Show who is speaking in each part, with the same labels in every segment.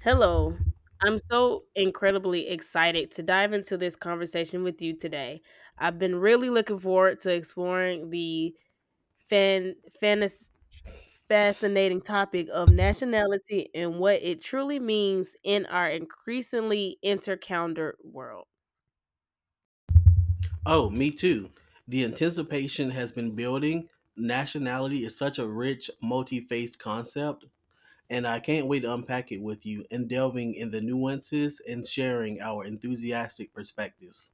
Speaker 1: Hello. I'm so incredibly excited to dive into this conversation with you today. I've been really looking forward to exploring the fan, fantas- fascinating topic of nationality and what it truly means in our increasingly intercalendar world.
Speaker 2: Oh, me too. The anticipation has been building. Nationality is such a rich, multi faced concept, and I can't wait to unpack it with you and delving in the nuances and sharing our enthusiastic perspectives.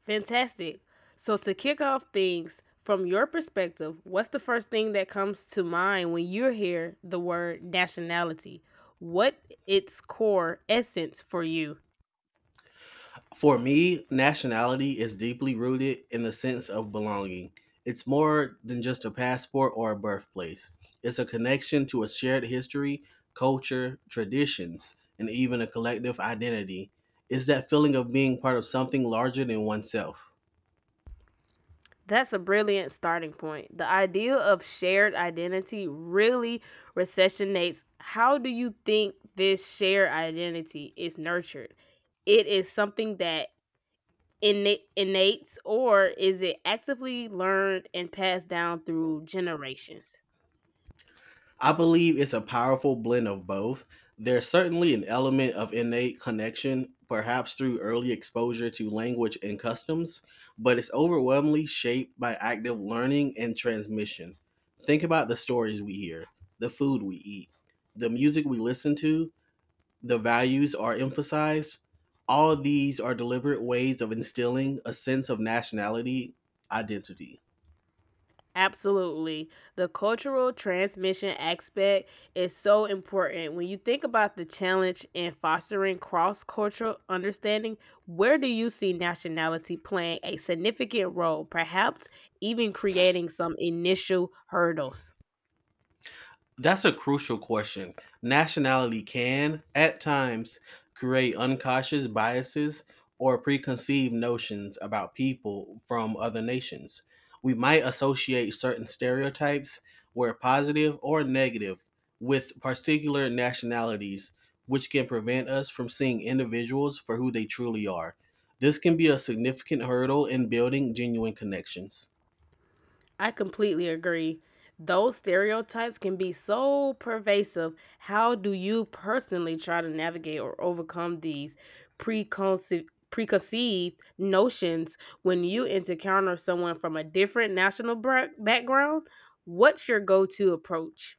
Speaker 1: Fantastic. So, to kick off things, from your perspective, what's the first thing that comes to mind when you hear the word nationality? What its core essence for you?
Speaker 2: For me, nationality is deeply rooted in the sense of belonging. It's more than just a passport or a birthplace, it's a connection to a shared history, culture, traditions, and even a collective identity. It's that feeling of being part of something larger than oneself.
Speaker 1: That's a brilliant starting point. The idea of shared identity really recessionates. How do you think this shared identity is nurtured? It is something that innates, or is it actively learned and passed down through generations?
Speaker 2: I believe it's a powerful blend of both. There's certainly an element of innate connection, perhaps through early exposure to language and customs, but it's overwhelmingly shaped by active learning and transmission. Think about the stories we hear, the food we eat, the music we listen to, the values are emphasized. All these are deliberate ways of instilling a sense of nationality, identity.
Speaker 1: Absolutely. The cultural transmission aspect is so important. When you think about the challenge in fostering cross cultural understanding, where do you see nationality playing a significant role, perhaps even creating some initial hurdles?
Speaker 2: That's a crucial question. Nationality can, at times, create unconscious biases or preconceived notions about people from other nations. We might associate certain stereotypes, whether positive or negative, with particular nationalities, which can prevent us from seeing individuals for who they truly are. This can be a significant hurdle in building genuine connections.
Speaker 1: I completely agree. Those stereotypes can be so pervasive. How do you personally try to navigate or overcome these preconceived notions when you encounter someone from a different background? What's your go-to approach?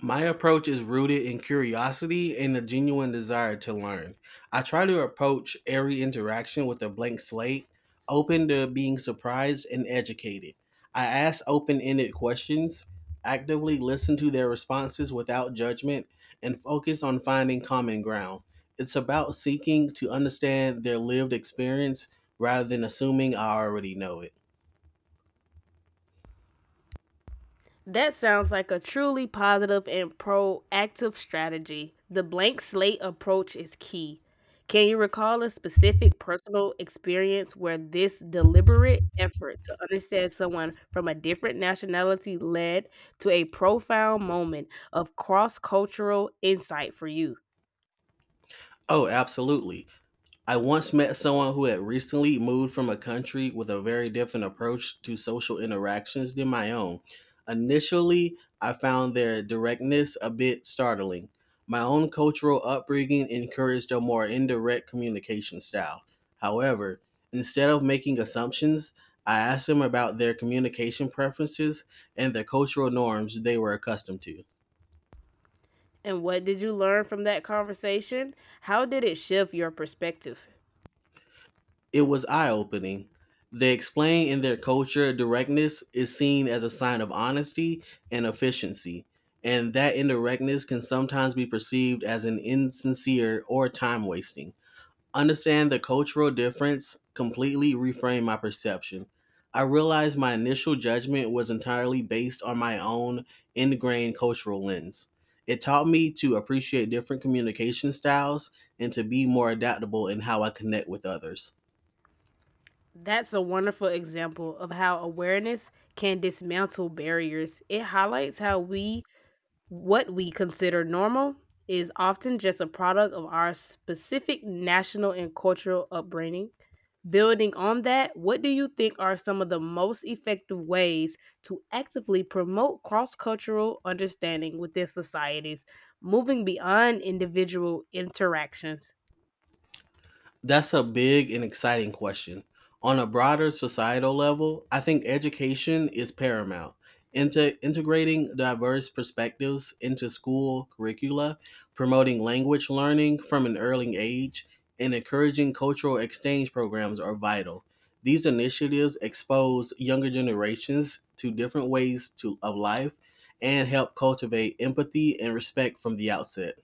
Speaker 2: My approach is rooted in curiosity and a genuine desire to learn. I try to approach every interaction with a blank slate, open to being surprised and educated. I ask open ended questions, actively listen to their responses without judgment, and focus on finding common ground. It's about seeking to understand their lived experience rather than assuming I already know it.
Speaker 1: That sounds like a truly positive and proactive strategy. The blank slate approach is key. Can you recall a specific personal experience where this deliberate effort to understand someone from a different nationality led to a profound moment of cross cultural insight for you?
Speaker 2: Oh, absolutely. I once met someone who had recently moved from a country with a very different approach to social interactions than my own. Initially, I found their directness a bit startling. My own cultural upbringing encouraged a more indirect communication style. However, instead of making assumptions, I asked them about their communication preferences and the cultural norms they were accustomed to.
Speaker 1: And what did you learn from that conversation? How did it shift your perspective?
Speaker 2: It was eye opening. They explain in their culture directness is seen as a sign of honesty and efficiency, and that indirectness can sometimes be perceived as an insincere or time wasting. Understand the cultural difference completely reframed my perception. I realized my initial judgment was entirely based on my own ingrained cultural lens. It taught me to appreciate different communication styles and to be more adaptable in how I connect with others.
Speaker 1: That's a wonderful example of how awareness can dismantle barriers. It highlights how we, what we consider normal, is often just a product of our specific national and cultural upbringing. Building on that, what do you think are some of the most effective ways to actively promote cross cultural understanding within societies, moving beyond individual interactions?
Speaker 2: That's a big and exciting question. On a broader societal level, I think education is paramount. Into integrating diverse perspectives into school curricula, promoting language learning from an early age, and encouraging cultural exchange programs are vital. These initiatives expose younger generations to different ways to, of life and help cultivate empathy and respect from the outset.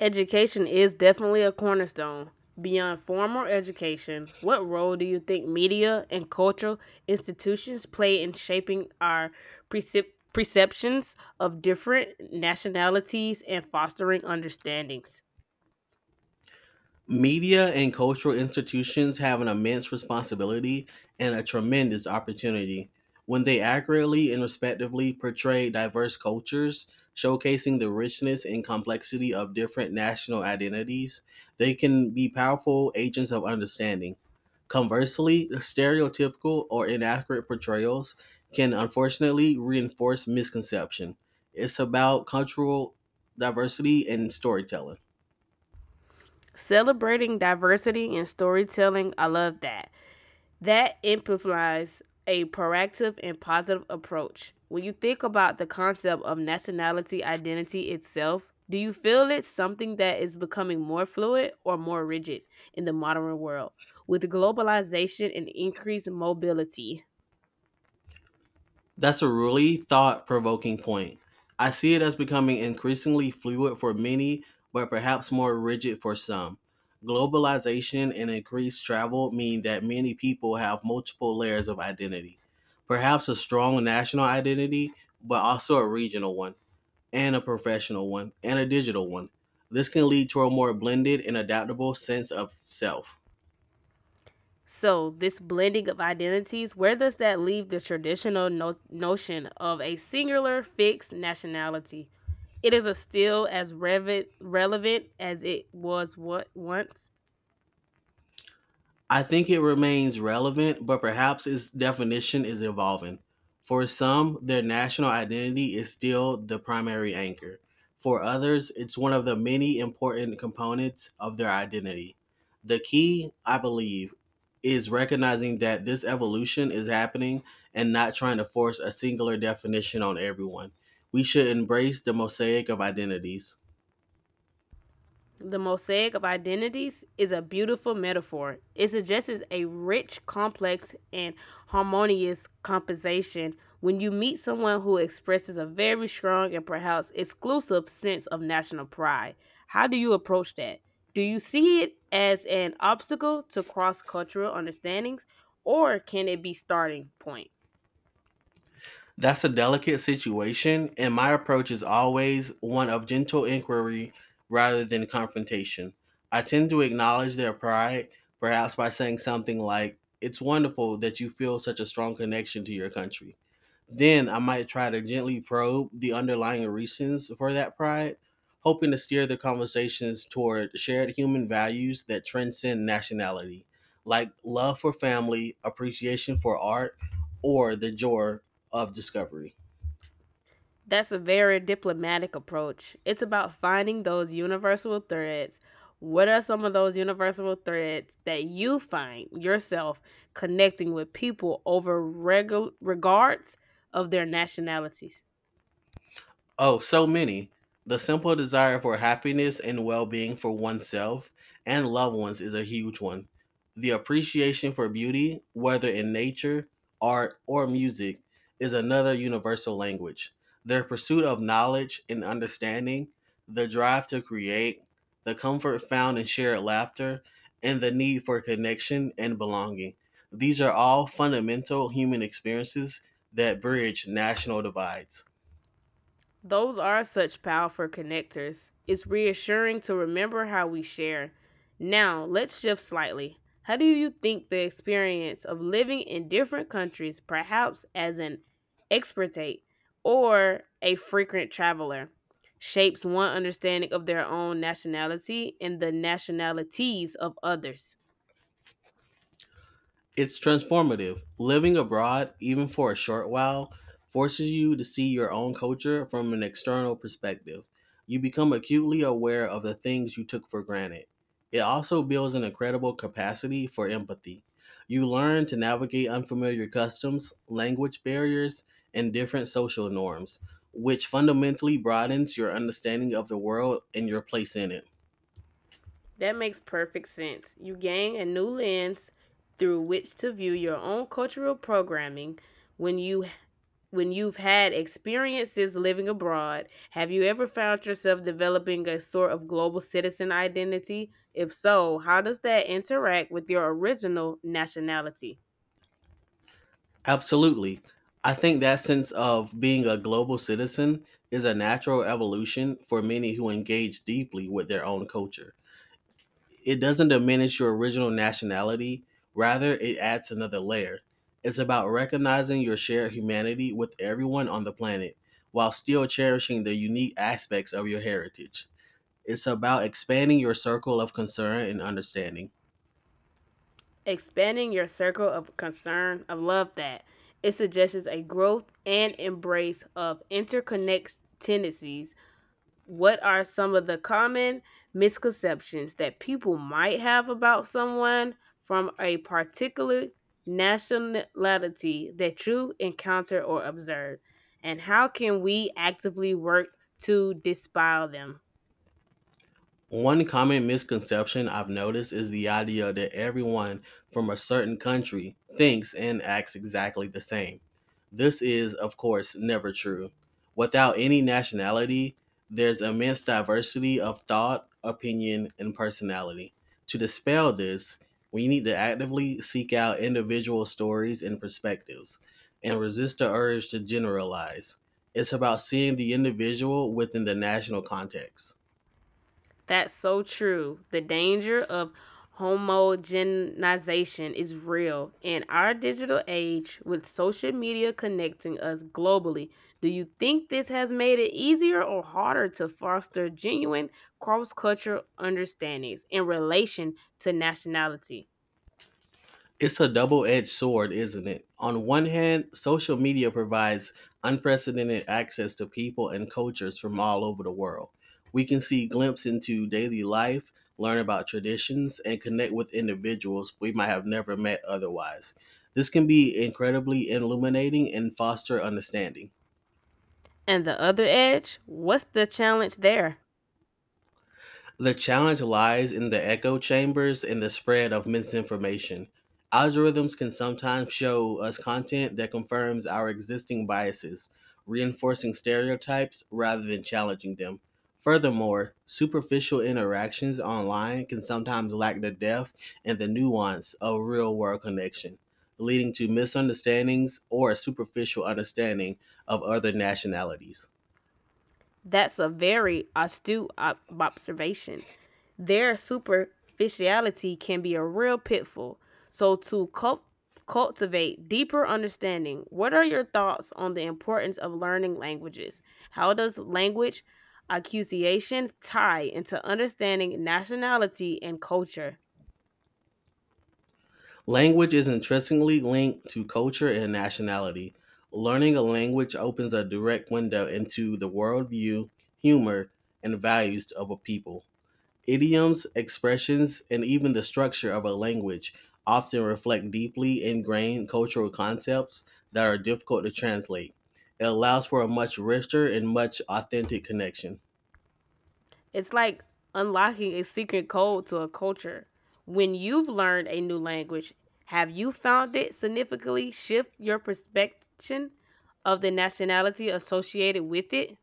Speaker 1: Education is definitely a cornerstone. Beyond formal education, what role do you think media and cultural institutions play in shaping our perceptions of different nationalities and fostering understandings?
Speaker 2: Media and cultural institutions have an immense responsibility and a tremendous opportunity when they accurately and respectively portray diverse cultures, showcasing the richness and complexity of different national identities. They can be powerful agents of understanding. Conversely, stereotypical or inaccurate portrayals can unfortunately reinforce misconception. It's about cultural diversity and storytelling.
Speaker 1: Celebrating diversity in storytelling, I love that. That implies a proactive and positive approach. When you think about the concept of nationality identity itself, do you feel it's something that is becoming more fluid or more rigid in the modern world with globalization and increased mobility?
Speaker 2: That's a really thought provoking point. I see it as becoming increasingly fluid for many, but perhaps more rigid for some. Globalization and increased travel mean that many people have multiple layers of identity. Perhaps a strong national identity, but also a regional one, and a professional one, and a digital one. This can lead to a more blended and adaptable sense of self.
Speaker 1: So, this blending of identities, where does that leave the traditional notion of a singular fixed nationality? It is a still as relevant as it was what once.
Speaker 2: I think it remains relevant, but perhaps its definition is evolving. For some, their national identity is still the primary anchor. For others, it's one of the many important components of their identity. The key, I believe, is recognizing that this evolution is happening and not trying to force a singular definition on everyone. We should embrace the mosaic of identities.
Speaker 1: The mosaic of identities is a beautiful metaphor. It suggests a rich, complex, and harmonious composition when you meet someone who expresses a very strong and perhaps exclusive sense of national pride. How do you approach that? Do you see it as an obstacle to cross cultural understandings, or can it be starting point?
Speaker 2: That's a delicate situation, and my approach is always one of gentle inquiry rather than confrontation. I tend to acknowledge their pride, perhaps by saying something like, "It's wonderful that you feel such a strong connection to your country." Then I might try to gently probe the underlying reasons for that pride, hoping to steer the conversations toward shared human values that transcend nationality, like love for family, appreciation for art, or the joy of discovery.
Speaker 1: That's a very diplomatic approach. It's about finding those universal threads. What are some of those universal threads that you find yourself connecting with people over regards of their nationalities?
Speaker 2: Oh, so many. The simple desire for happiness and well being for oneself and loved ones is a huge one. The appreciation for beauty, whether in nature, art, or music, is another universal language. Their pursuit of knowledge and understanding, the drive to create, the comfort found in shared laughter, and the need for connection and belonging. These are all fundamental human experiences that bridge national divides.
Speaker 1: Those are such powerful connectors. It's reassuring to remember how we share. Now, let's shift slightly. How do you think the experience of living in different countries, perhaps as an expatriate or a frequent traveler, shapes one understanding of their own nationality and the nationalities of others?
Speaker 2: It's transformative. Living abroad, even for a short while, forces you to see your own culture from an external perspective. You become acutely aware of the things you took for granted. It also builds an incredible capacity for empathy. You learn to navigate unfamiliar customs, language barriers, and different social norms, which fundamentally broadens your understanding of the world and your place in it.
Speaker 1: That makes perfect sense. You gain a new lens through which to view your own cultural programming when you when you've had experiences living abroad, have you ever found yourself developing a sort of global citizen identity? If so, how does that interact with your original nationality?
Speaker 2: Absolutely. I think that sense of being a global citizen is a natural evolution for many who engage deeply with their own culture. It doesn't diminish your original nationality, rather, it adds another layer. It's about recognizing your shared humanity with everyone on the planet while still cherishing the unique aspects of your heritage. It's about expanding your circle of concern and understanding.
Speaker 1: Expanding your circle of concern, I love that. It suggests a growth and embrace of interconnected tendencies. What are some of the common misconceptions that people might have about someone from a particular nationality that you encounter or observe? And how can we actively work to dispel them?
Speaker 2: One common misconception I've noticed is the idea that everyone from a certain country thinks and acts exactly the same. This is, of course, never true. Without any nationality, there's immense diversity of thought, opinion, and personality. To dispel this, we need to actively seek out individual stories and perspectives and resist the urge to generalize. It's about seeing the individual within the national context.
Speaker 1: That's so true. The danger of homogenization is real. In our digital age, with social media connecting us globally, do you think this has made it easier or harder to foster genuine cross cultural understandings in relation to nationality?
Speaker 2: It's a double edged sword, isn't it? On one hand, social media provides unprecedented access to people and cultures from all over the world. We can see glimpses into daily life, learn about traditions, and connect with individuals we might have never met otherwise. This can be incredibly illuminating and foster understanding.
Speaker 1: And the other edge, what's the challenge there?
Speaker 2: The challenge lies in the echo chambers and the spread of misinformation. Algorithms can sometimes show us content that confirms our existing biases, reinforcing stereotypes rather than challenging them. Furthermore, superficial interactions online can sometimes lack the depth and the nuance of real world connection, leading to misunderstandings or a superficial understanding of other nationalities.
Speaker 1: That's a very astute observation. Their superficiality can be a real pitfall. So, to cultivate deeper understanding, what are your thoughts on the importance of learning languages? How does language accusation tie into understanding nationality and culture?
Speaker 2: Language is interestingly linked to culture and nationality. Learning a language opens a direct window into the worldview, humor, and values of a people. Idioms, expressions, and even the structure of a language often reflect deeply ingrained cultural concepts that are difficult to translate. It allows for a much richer and much authentic connection.
Speaker 1: It's like unlocking a secret code to a culture. When you've learned a new language, have you found it significantly shift your perception of the nationality associated with it?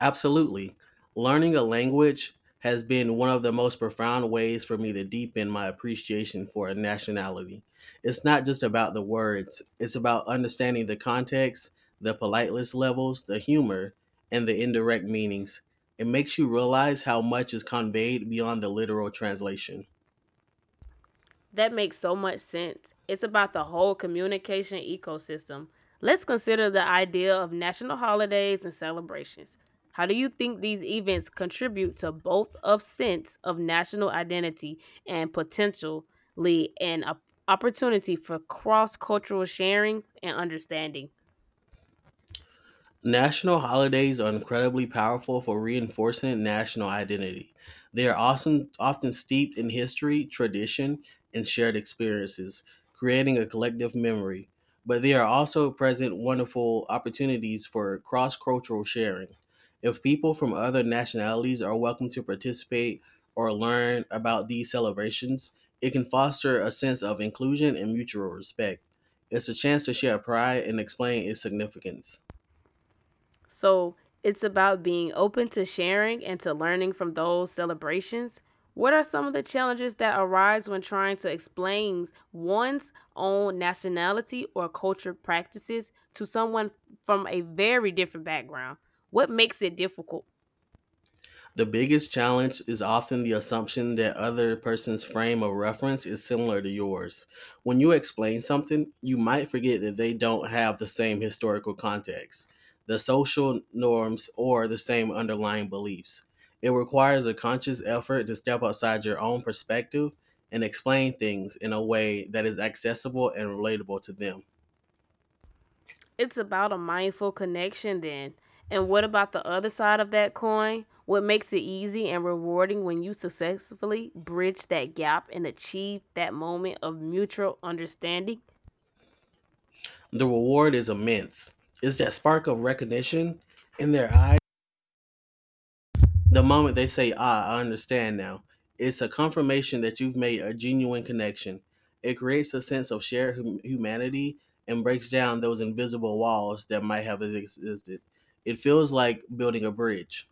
Speaker 2: Absolutely. Learning a language has been one of the most profound ways for me to deepen my appreciation for a nationality. It's not just about the words, it's about understanding the context, the politeness levels, the humor, and the indirect meanings. It makes you realize how much is conveyed beyond the literal translation.
Speaker 1: That makes so much sense. It's about the whole communication ecosystem. Let's consider the idea of national holidays and celebrations. How do you think these events contribute to both of sense of national identity and potentially an opportunity for cross-cultural sharing and understanding?
Speaker 2: National holidays are incredibly powerful for reinforcing national identity. They are often, often steeped in history, tradition, and shared experiences, creating a collective memory. But they are also present wonderful opportunities for cross cultural sharing. If people from other nationalities are welcome to participate or learn about these celebrations, it can foster a sense of inclusion and mutual respect. It's a chance to share pride and explain its significance.
Speaker 1: So it's about being open to sharing and to learning from those celebrations. What are some of the challenges that arise when trying to explain one's own nationality or culture practices to someone from a very different background? What makes it difficult?
Speaker 2: The biggest challenge is often the assumption that other person's frame of reference is similar to yours. When you explain something, you might forget that they don't have the same historical context, the social norms, or the same underlying beliefs. It requires a conscious effort to step outside your own perspective and explain things in a way that is accessible and relatable to them.
Speaker 1: It's about a mindful connection, then. And what about the other side of that coin? What makes it easy and rewarding when you successfully bridge that gap and achieve that moment of mutual understanding?
Speaker 2: The reward is immense. It's that spark of recognition in their eyes. The moment they say, "Ah, I understand now," it's a confirmation that you've made a genuine connection. It creates a sense of shared humanity and breaks down those invisible walls that might have existed. It feels like building a bridge.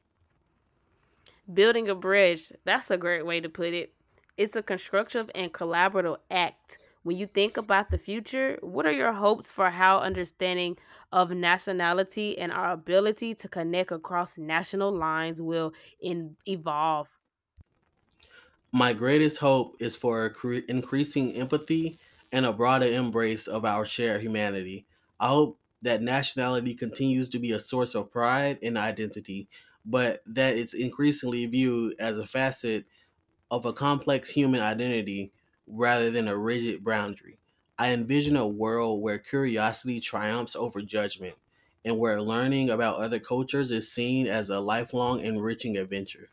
Speaker 1: Building a bridge, that's a great way to put it. It's a constructive and collaborative act. When you think about the future, what are your hopes for how understanding of nationality and our ability to connect across national lines will evolve?
Speaker 2: My greatest hope is for increasing empathy and a broader embrace of our shared humanity. I hope that nationality continues to be a source of pride and identity, but that it's increasingly viewed as a facet of a complex human identity rather than a rigid boundary. I envision a world where curiosity triumphs over judgment and where learning about other cultures is seen as a lifelong enriching adventure.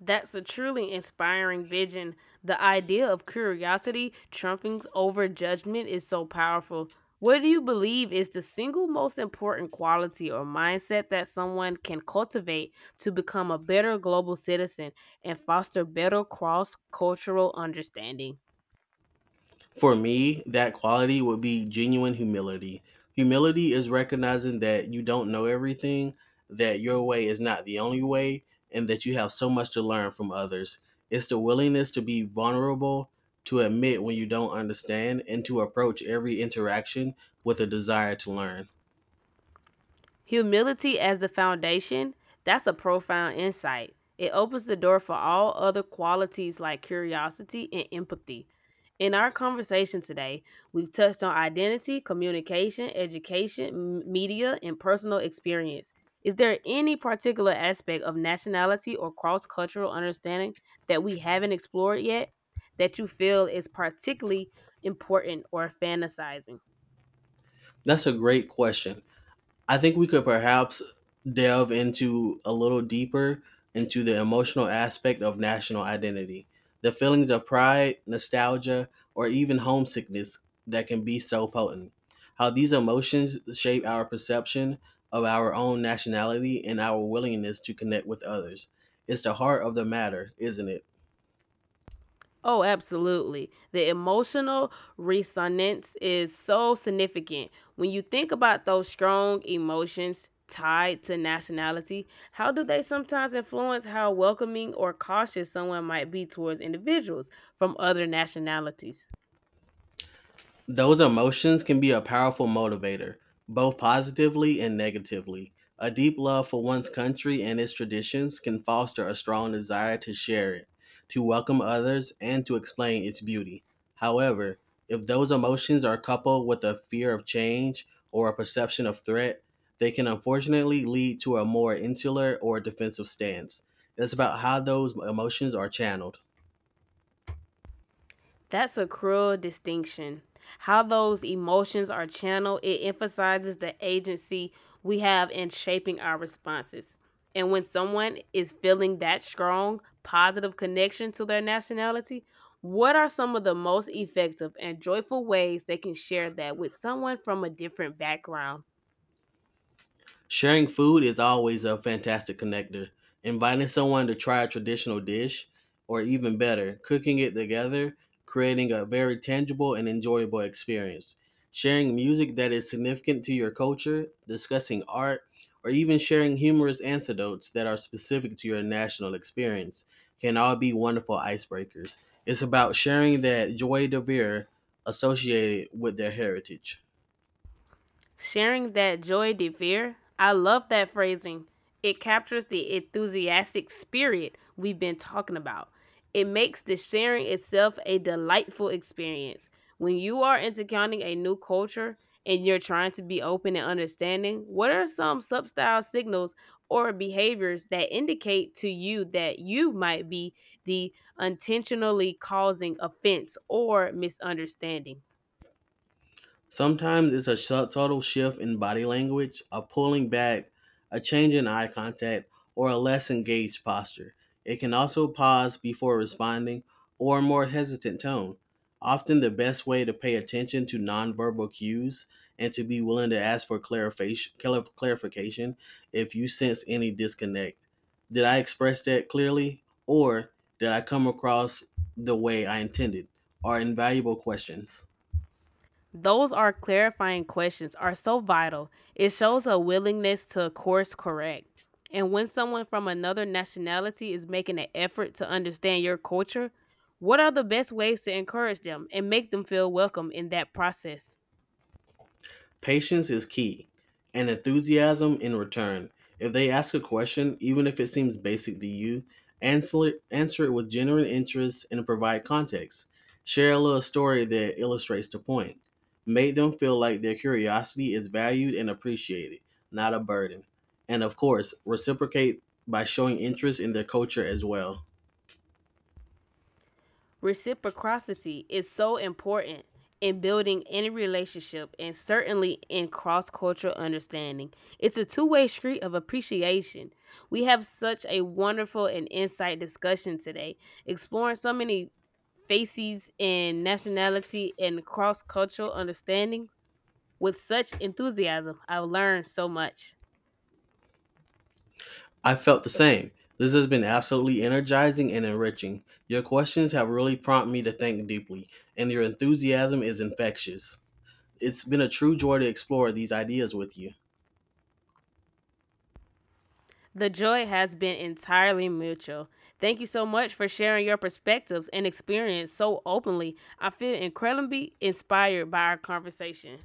Speaker 1: That's a truly inspiring vision. The idea of curiosity trumping over judgment is so powerful. What do you believe is the single most important quality or mindset that someone can cultivate to become a better global citizen and foster better cross cultural understanding?
Speaker 2: For me, that quality would be genuine humility. Humility is recognizing that you don't know everything, that your way is not the only way, and that you have so much to learn from others. It's the willingness to be vulnerable, to admit when you don't understand, and to approach every interaction with a desire to learn.
Speaker 1: Humility as the foundation, that's a profound insight. It opens the door for all other qualities like curiosity and empathy. In our conversation today, we've touched on identity, communication, education, media, and personal experience. Is there any particular aspect of nationality or cross cultural understanding that we haven't explored yet that you feel is particularly important or fantasizing?
Speaker 2: That's a great question. I think we could perhaps delve into a little deeper into the emotional aspect of national identity, the feelings of pride, nostalgia, or even homesickness that can be so potent, how these emotions shape our perception of our own nationality and our willingness to connect with others. It's the heart of the matter, isn't it?
Speaker 1: Oh, absolutely. The emotional resonance is so significant. When you think about those strong emotions tied to nationality, how do they sometimes influence how welcoming or cautious someone might be towards individuals from other nationalities?
Speaker 2: Those emotions can be a powerful motivator, both positively and negatively. A deep love for one's country and its traditions can foster a strong desire to share it, to welcome others, and to explain its beauty. However, if those emotions are coupled with a fear of change or a perception of threat, they can unfortunately lead to a more insular or defensive stance. It's about how those emotions are channeled.
Speaker 1: That's a cruel distinction. How those emotions are channeled, it emphasizes the agency we have in shaping our responses. And when someone is feeling that strong, positive connection to their nationality, what are some of the most effective and joyful ways they can share that with someone from a different background?
Speaker 2: Sharing food is always a fantastic connector. Inviting someone to try a traditional dish, or even better, cooking it together, creating a very tangible and enjoyable experience. Sharing music that is significant to your culture, discussing art, or even sharing humorous anecdotes that are specific to your national experience can all be wonderful icebreakers. It's about sharing that joy de vivre associated with their heritage.
Speaker 1: Sharing that joy de vivre. I love that phrasing. It captures the enthusiastic spirit we've been talking about. It makes the sharing itself a delightful experience. When you are encountering a new culture and you're trying to be open and understanding, what are some subtle signals or behaviors that indicate to you that you might be the intentionally causing offense or misunderstanding?
Speaker 2: Sometimes it's a subtle shift in body language, a pulling back, a change in eye contact, or a less engaged posture. It can also pause before responding or a more hesitant tone. Often, the best way to pay attention to nonverbal cues and to be willing to ask for clarification if you sense any disconnect. Did I express that clearly? Or did I come across the way I intended? Are invaluable questions.
Speaker 1: Those are clarifying questions are so vital. It shows a willingness to course correct. And when someone from another nationality is making an effort to understand your culture, what are the best ways to encourage them and make them feel welcome in that process?
Speaker 2: Patience is key, and enthusiasm in return. If they ask a question, even if it seems basic to you, answer it with genuine interest and provide context. Share a little story that illustrates the point. Make them feel like their curiosity is valued and appreciated, not a burden. And of course, reciprocate by showing interest in their culture as well.
Speaker 1: Reciprocity is so important in building any relationship and certainly in cross cultural understanding. It's a two-way street of appreciation. We have such a wonderful and insight discussion today, exploring so many faces and nationality and cross cultural understanding with such enthusiasm. I've learned so much.
Speaker 2: I felt the same. This has been absolutely energizing and enriching. Your questions have really prompted me to think deeply, and your enthusiasm is infectious. It's been a true joy to explore these ideas with you.
Speaker 1: The joy has been entirely mutual. Thank you so much for sharing your perspectives and experience so openly. I feel incredibly inspired by our conversation.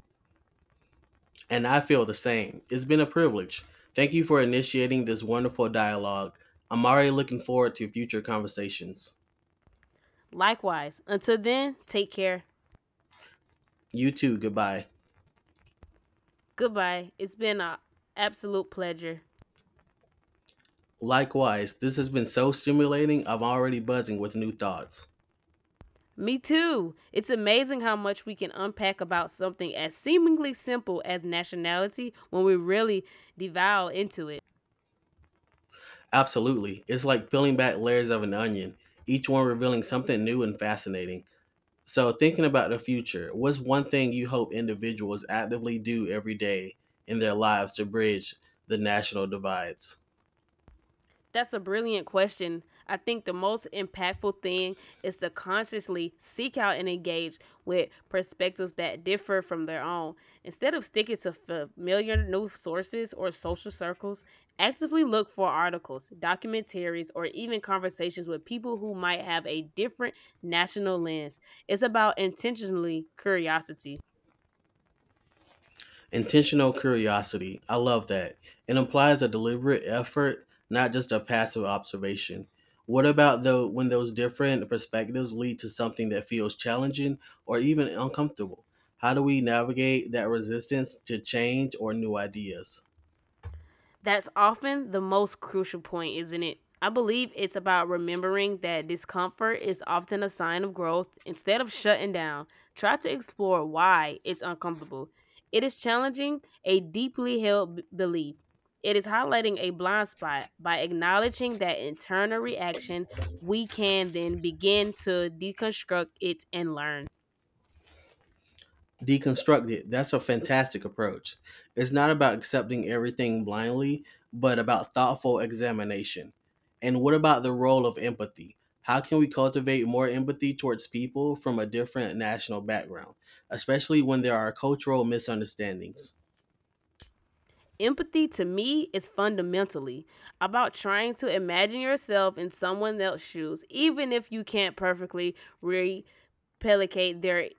Speaker 2: And I feel the same. It's been a privilege. Thank you for initiating this wonderful dialogue. I'm already looking forward to future conversations.
Speaker 1: Likewise, until then, take care.
Speaker 2: You too, goodbye.
Speaker 1: Goodbye. It's been an absolute pleasure.
Speaker 2: Likewise, this has been so stimulating, I'm already buzzing with new thoughts.
Speaker 1: Me too. It's amazing how much we can unpack about something as seemingly simple as nationality when we really devour into it.
Speaker 2: Absolutely. It's like peeling back layers of an onion, each one revealing something new and fascinating. So, thinking about the future, what's one thing you hope individuals actively do every day in their lives to bridge the national divides?
Speaker 1: That's a brilliant question. I think the most impactful thing is to consciously seek out and engage with perspectives that differ from their own. Instead of sticking to familiar news sources or social circles, actively look for articles, documentaries, or even conversations with people who might have a different national lens. It's about intentionally curiosity.
Speaker 2: Intentional curiosity. I love that. It implies a deliberate effort, not just a passive observation. What about though when those different perspectives lead to something that feels challenging or even uncomfortable? How do we navigate that resistance to change or new ideas?
Speaker 1: That's often the most crucial point, isn't it? I believe it's about remembering that discomfort is often a sign of growth. Instead of shutting down, try to explore why it's uncomfortable. It is challenging a deeply held belief. It is highlighting a blind spot by acknowledging that internal reaction. We can then begin to deconstruct it and learn.
Speaker 2: Deconstruct it. That's a fantastic approach. It's not about accepting everything blindly, but about thoughtful examination. And what about the role of empathy? How can we cultivate more empathy towards people from a different national background, especially when there are cultural misunderstandings?
Speaker 1: Empathy to me is fundamentally about trying to imagine yourself in someone else's shoes, even if you can't perfectly replicate their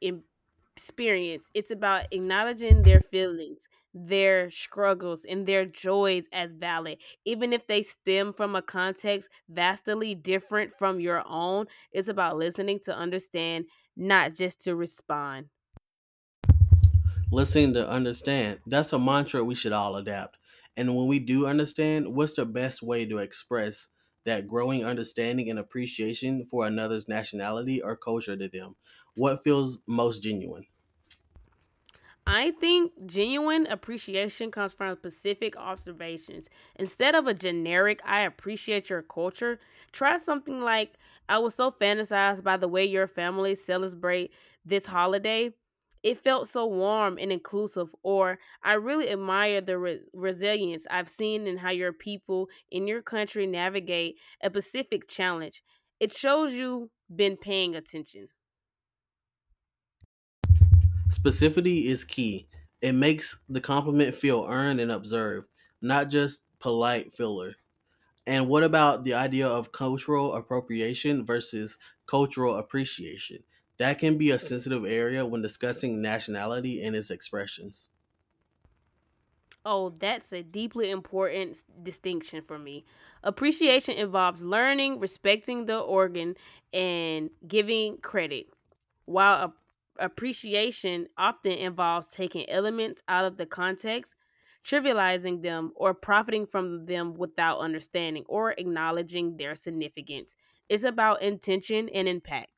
Speaker 1: experience. It's about acknowledging their feelings, their struggles, and their joys as valid, even if they stem from a context vastly different from your own. It's about listening to understand, not just to respond.
Speaker 2: Listening to understand. That's a mantra we should all adapt. And when we do understand, what's the best way to express that growing understanding and appreciation for another's nationality or culture to them? What feels most genuine?
Speaker 1: I think genuine appreciation comes from specific observations. Instead of a generic, I appreciate your culture, try something like, I was so fantasized by the way your family celebrate this holiday. It felt so warm and inclusive, or I really admire the resilience I've seen in how your people in your country navigate a specific challenge. It shows you've been paying attention.
Speaker 2: Specificity is key. It makes the compliment feel earned and observed, not just polite filler. And what about the idea of cultural appropriation versus cultural appreciation? That can be a sensitive area when discussing nationality and its expressions.
Speaker 1: Oh, that's a deeply important distinction for me. Appreciation involves learning, respecting the organ, and giving credit, while appreciation often involves taking elements out of the context, trivializing them, or profiting from them without understanding or acknowledging their significance. It's about intention and impact.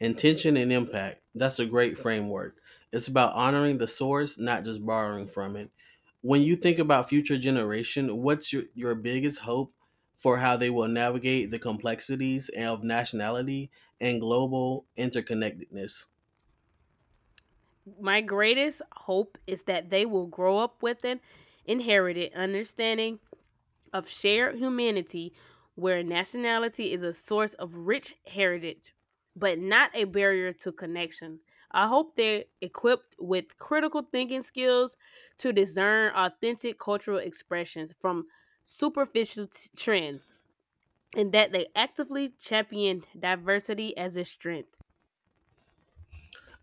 Speaker 2: Intention and impact. That's a great framework. It's about honoring the source, not just borrowing from it. When you think about future generation, what's your biggest hope for how they will navigate the complexities of nationality and global interconnectedness?
Speaker 1: My greatest hope is that they will grow up with an inherited understanding of shared humanity where nationality is a source of rich heritage, but not a barrier to connection. I hope they're equipped with critical thinking skills to discern authentic cultural expressions from superficial trends and that they actively champion diversity as a strength.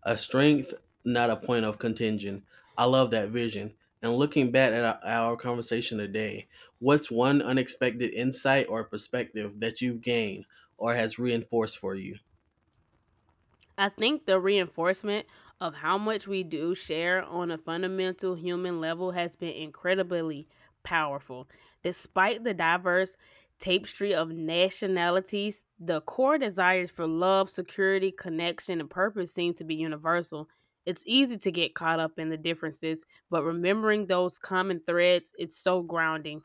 Speaker 2: A strength, not a point of contention. I love that vision. And looking back at our conversation today, what's one unexpected insight or perspective that you've gained or has reinforced for you?
Speaker 1: I think the reinforcement of how much we do share on a fundamental human level has been incredibly powerful. Despite the diverse tapestry of nationalities, the core desires for love, security, connection, and purpose seem to be universal. It's easy to get caught up in the differences, but remembering those common threads is so grounding.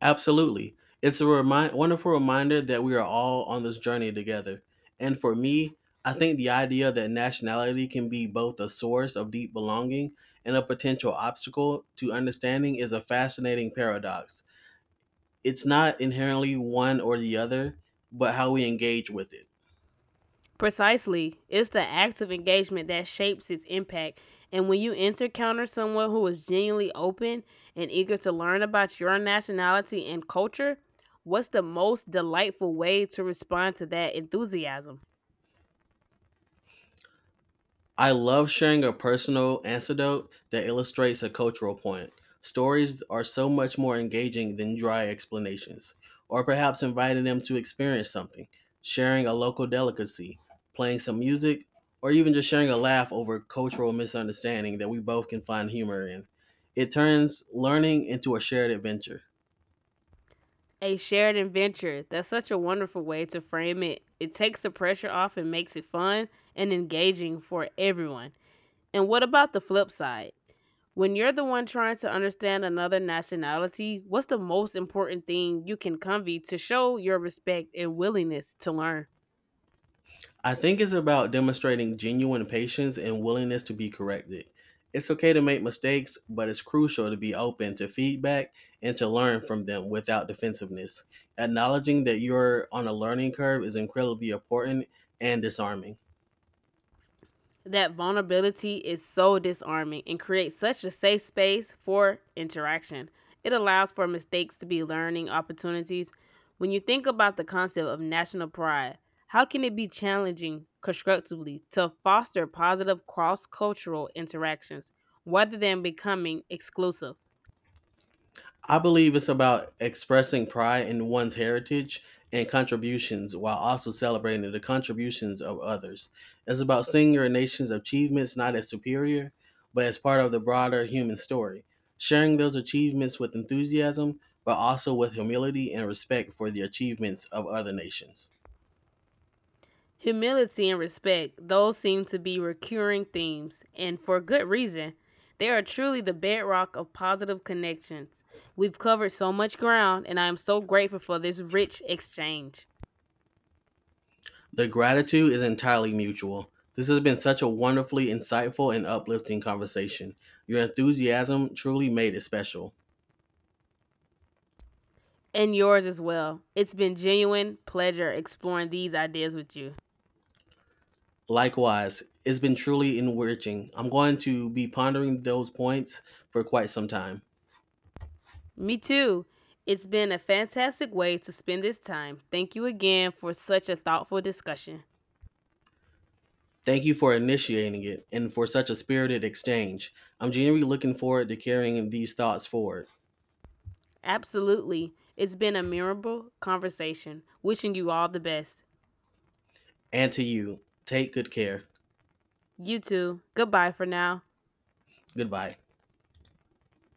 Speaker 2: Absolutely. It's a wonderful reminder that we are all on this journey together. And for me, I think the idea that nationality can be both a source of deep belonging and a potential obstacle to understanding is a fascinating paradox. It's not inherently one or the other, but how we engage with it.
Speaker 1: Precisely. It's the act of engagement that shapes its impact. And when you encounter someone who is genuinely open and eager to learn about your nationality and culture, what's the most delightful way to respond to that enthusiasm?
Speaker 2: I love sharing a personal anecdote that illustrates a cultural point. Stories are so much more engaging than dry explanations, or perhaps inviting them to experience something, sharing a local delicacy, playing some music, or even just sharing a laugh over cultural misunderstanding that we both can find humor in. It turns learning into a shared adventure.
Speaker 1: A shared adventure. That's such a wonderful way to frame it. It takes the pressure off and makes it fun and engaging for everyone. And what about the flip side? When you're the one trying to understand another nationality, what's the most important thing you can convey to show your respect and willingness to learn?
Speaker 2: I think it's about demonstrating genuine patience and willingness to be corrected. It's okay to make mistakes, but it's crucial to be open to feedback and to learn from them without defensiveness. Acknowledging that you're on a learning curve is incredibly important and disarming.
Speaker 1: That vulnerability is so disarming and creates such a safe space for interaction. It allows for mistakes to be learning opportunities. When you think about the concept of national pride, how can it be challenging constructively to foster positive cross cultural interactions rather than becoming exclusive?
Speaker 2: I believe it's about expressing pride in one's heritage and contributions while also celebrating the contributions of others. It's about seeing your nation's achievements not as superior, but as part of the broader human story, sharing those achievements with enthusiasm, but also with humility and respect for the achievements of other nations.
Speaker 1: Humility and respect, those seem to be recurring themes, and for good reason. They are truly the bedrock of positive connections. We've covered so much ground, and I am so grateful for this rich exchange
Speaker 2: The gratitude is entirely mutual. This has been such a wonderfully insightful and uplifting conversation. Your enthusiasm truly made it special.
Speaker 1: and yours as well. It's been genuine pleasure exploring these ideas with you.
Speaker 2: Likewise, it's been truly enriching. I'm going to be pondering those points for quite some time.
Speaker 1: Me too. It's been a fantastic way to spend this time. Thank you again for such a thoughtful discussion.
Speaker 2: Thank you for initiating it and for such a spirited exchange. I'm genuinely looking forward to carrying these thoughts forward.
Speaker 1: Absolutely. It's been a memorable conversation. Wishing you all the best.
Speaker 2: And to you, take good care.
Speaker 1: You too. Goodbye for now.
Speaker 2: Goodbye.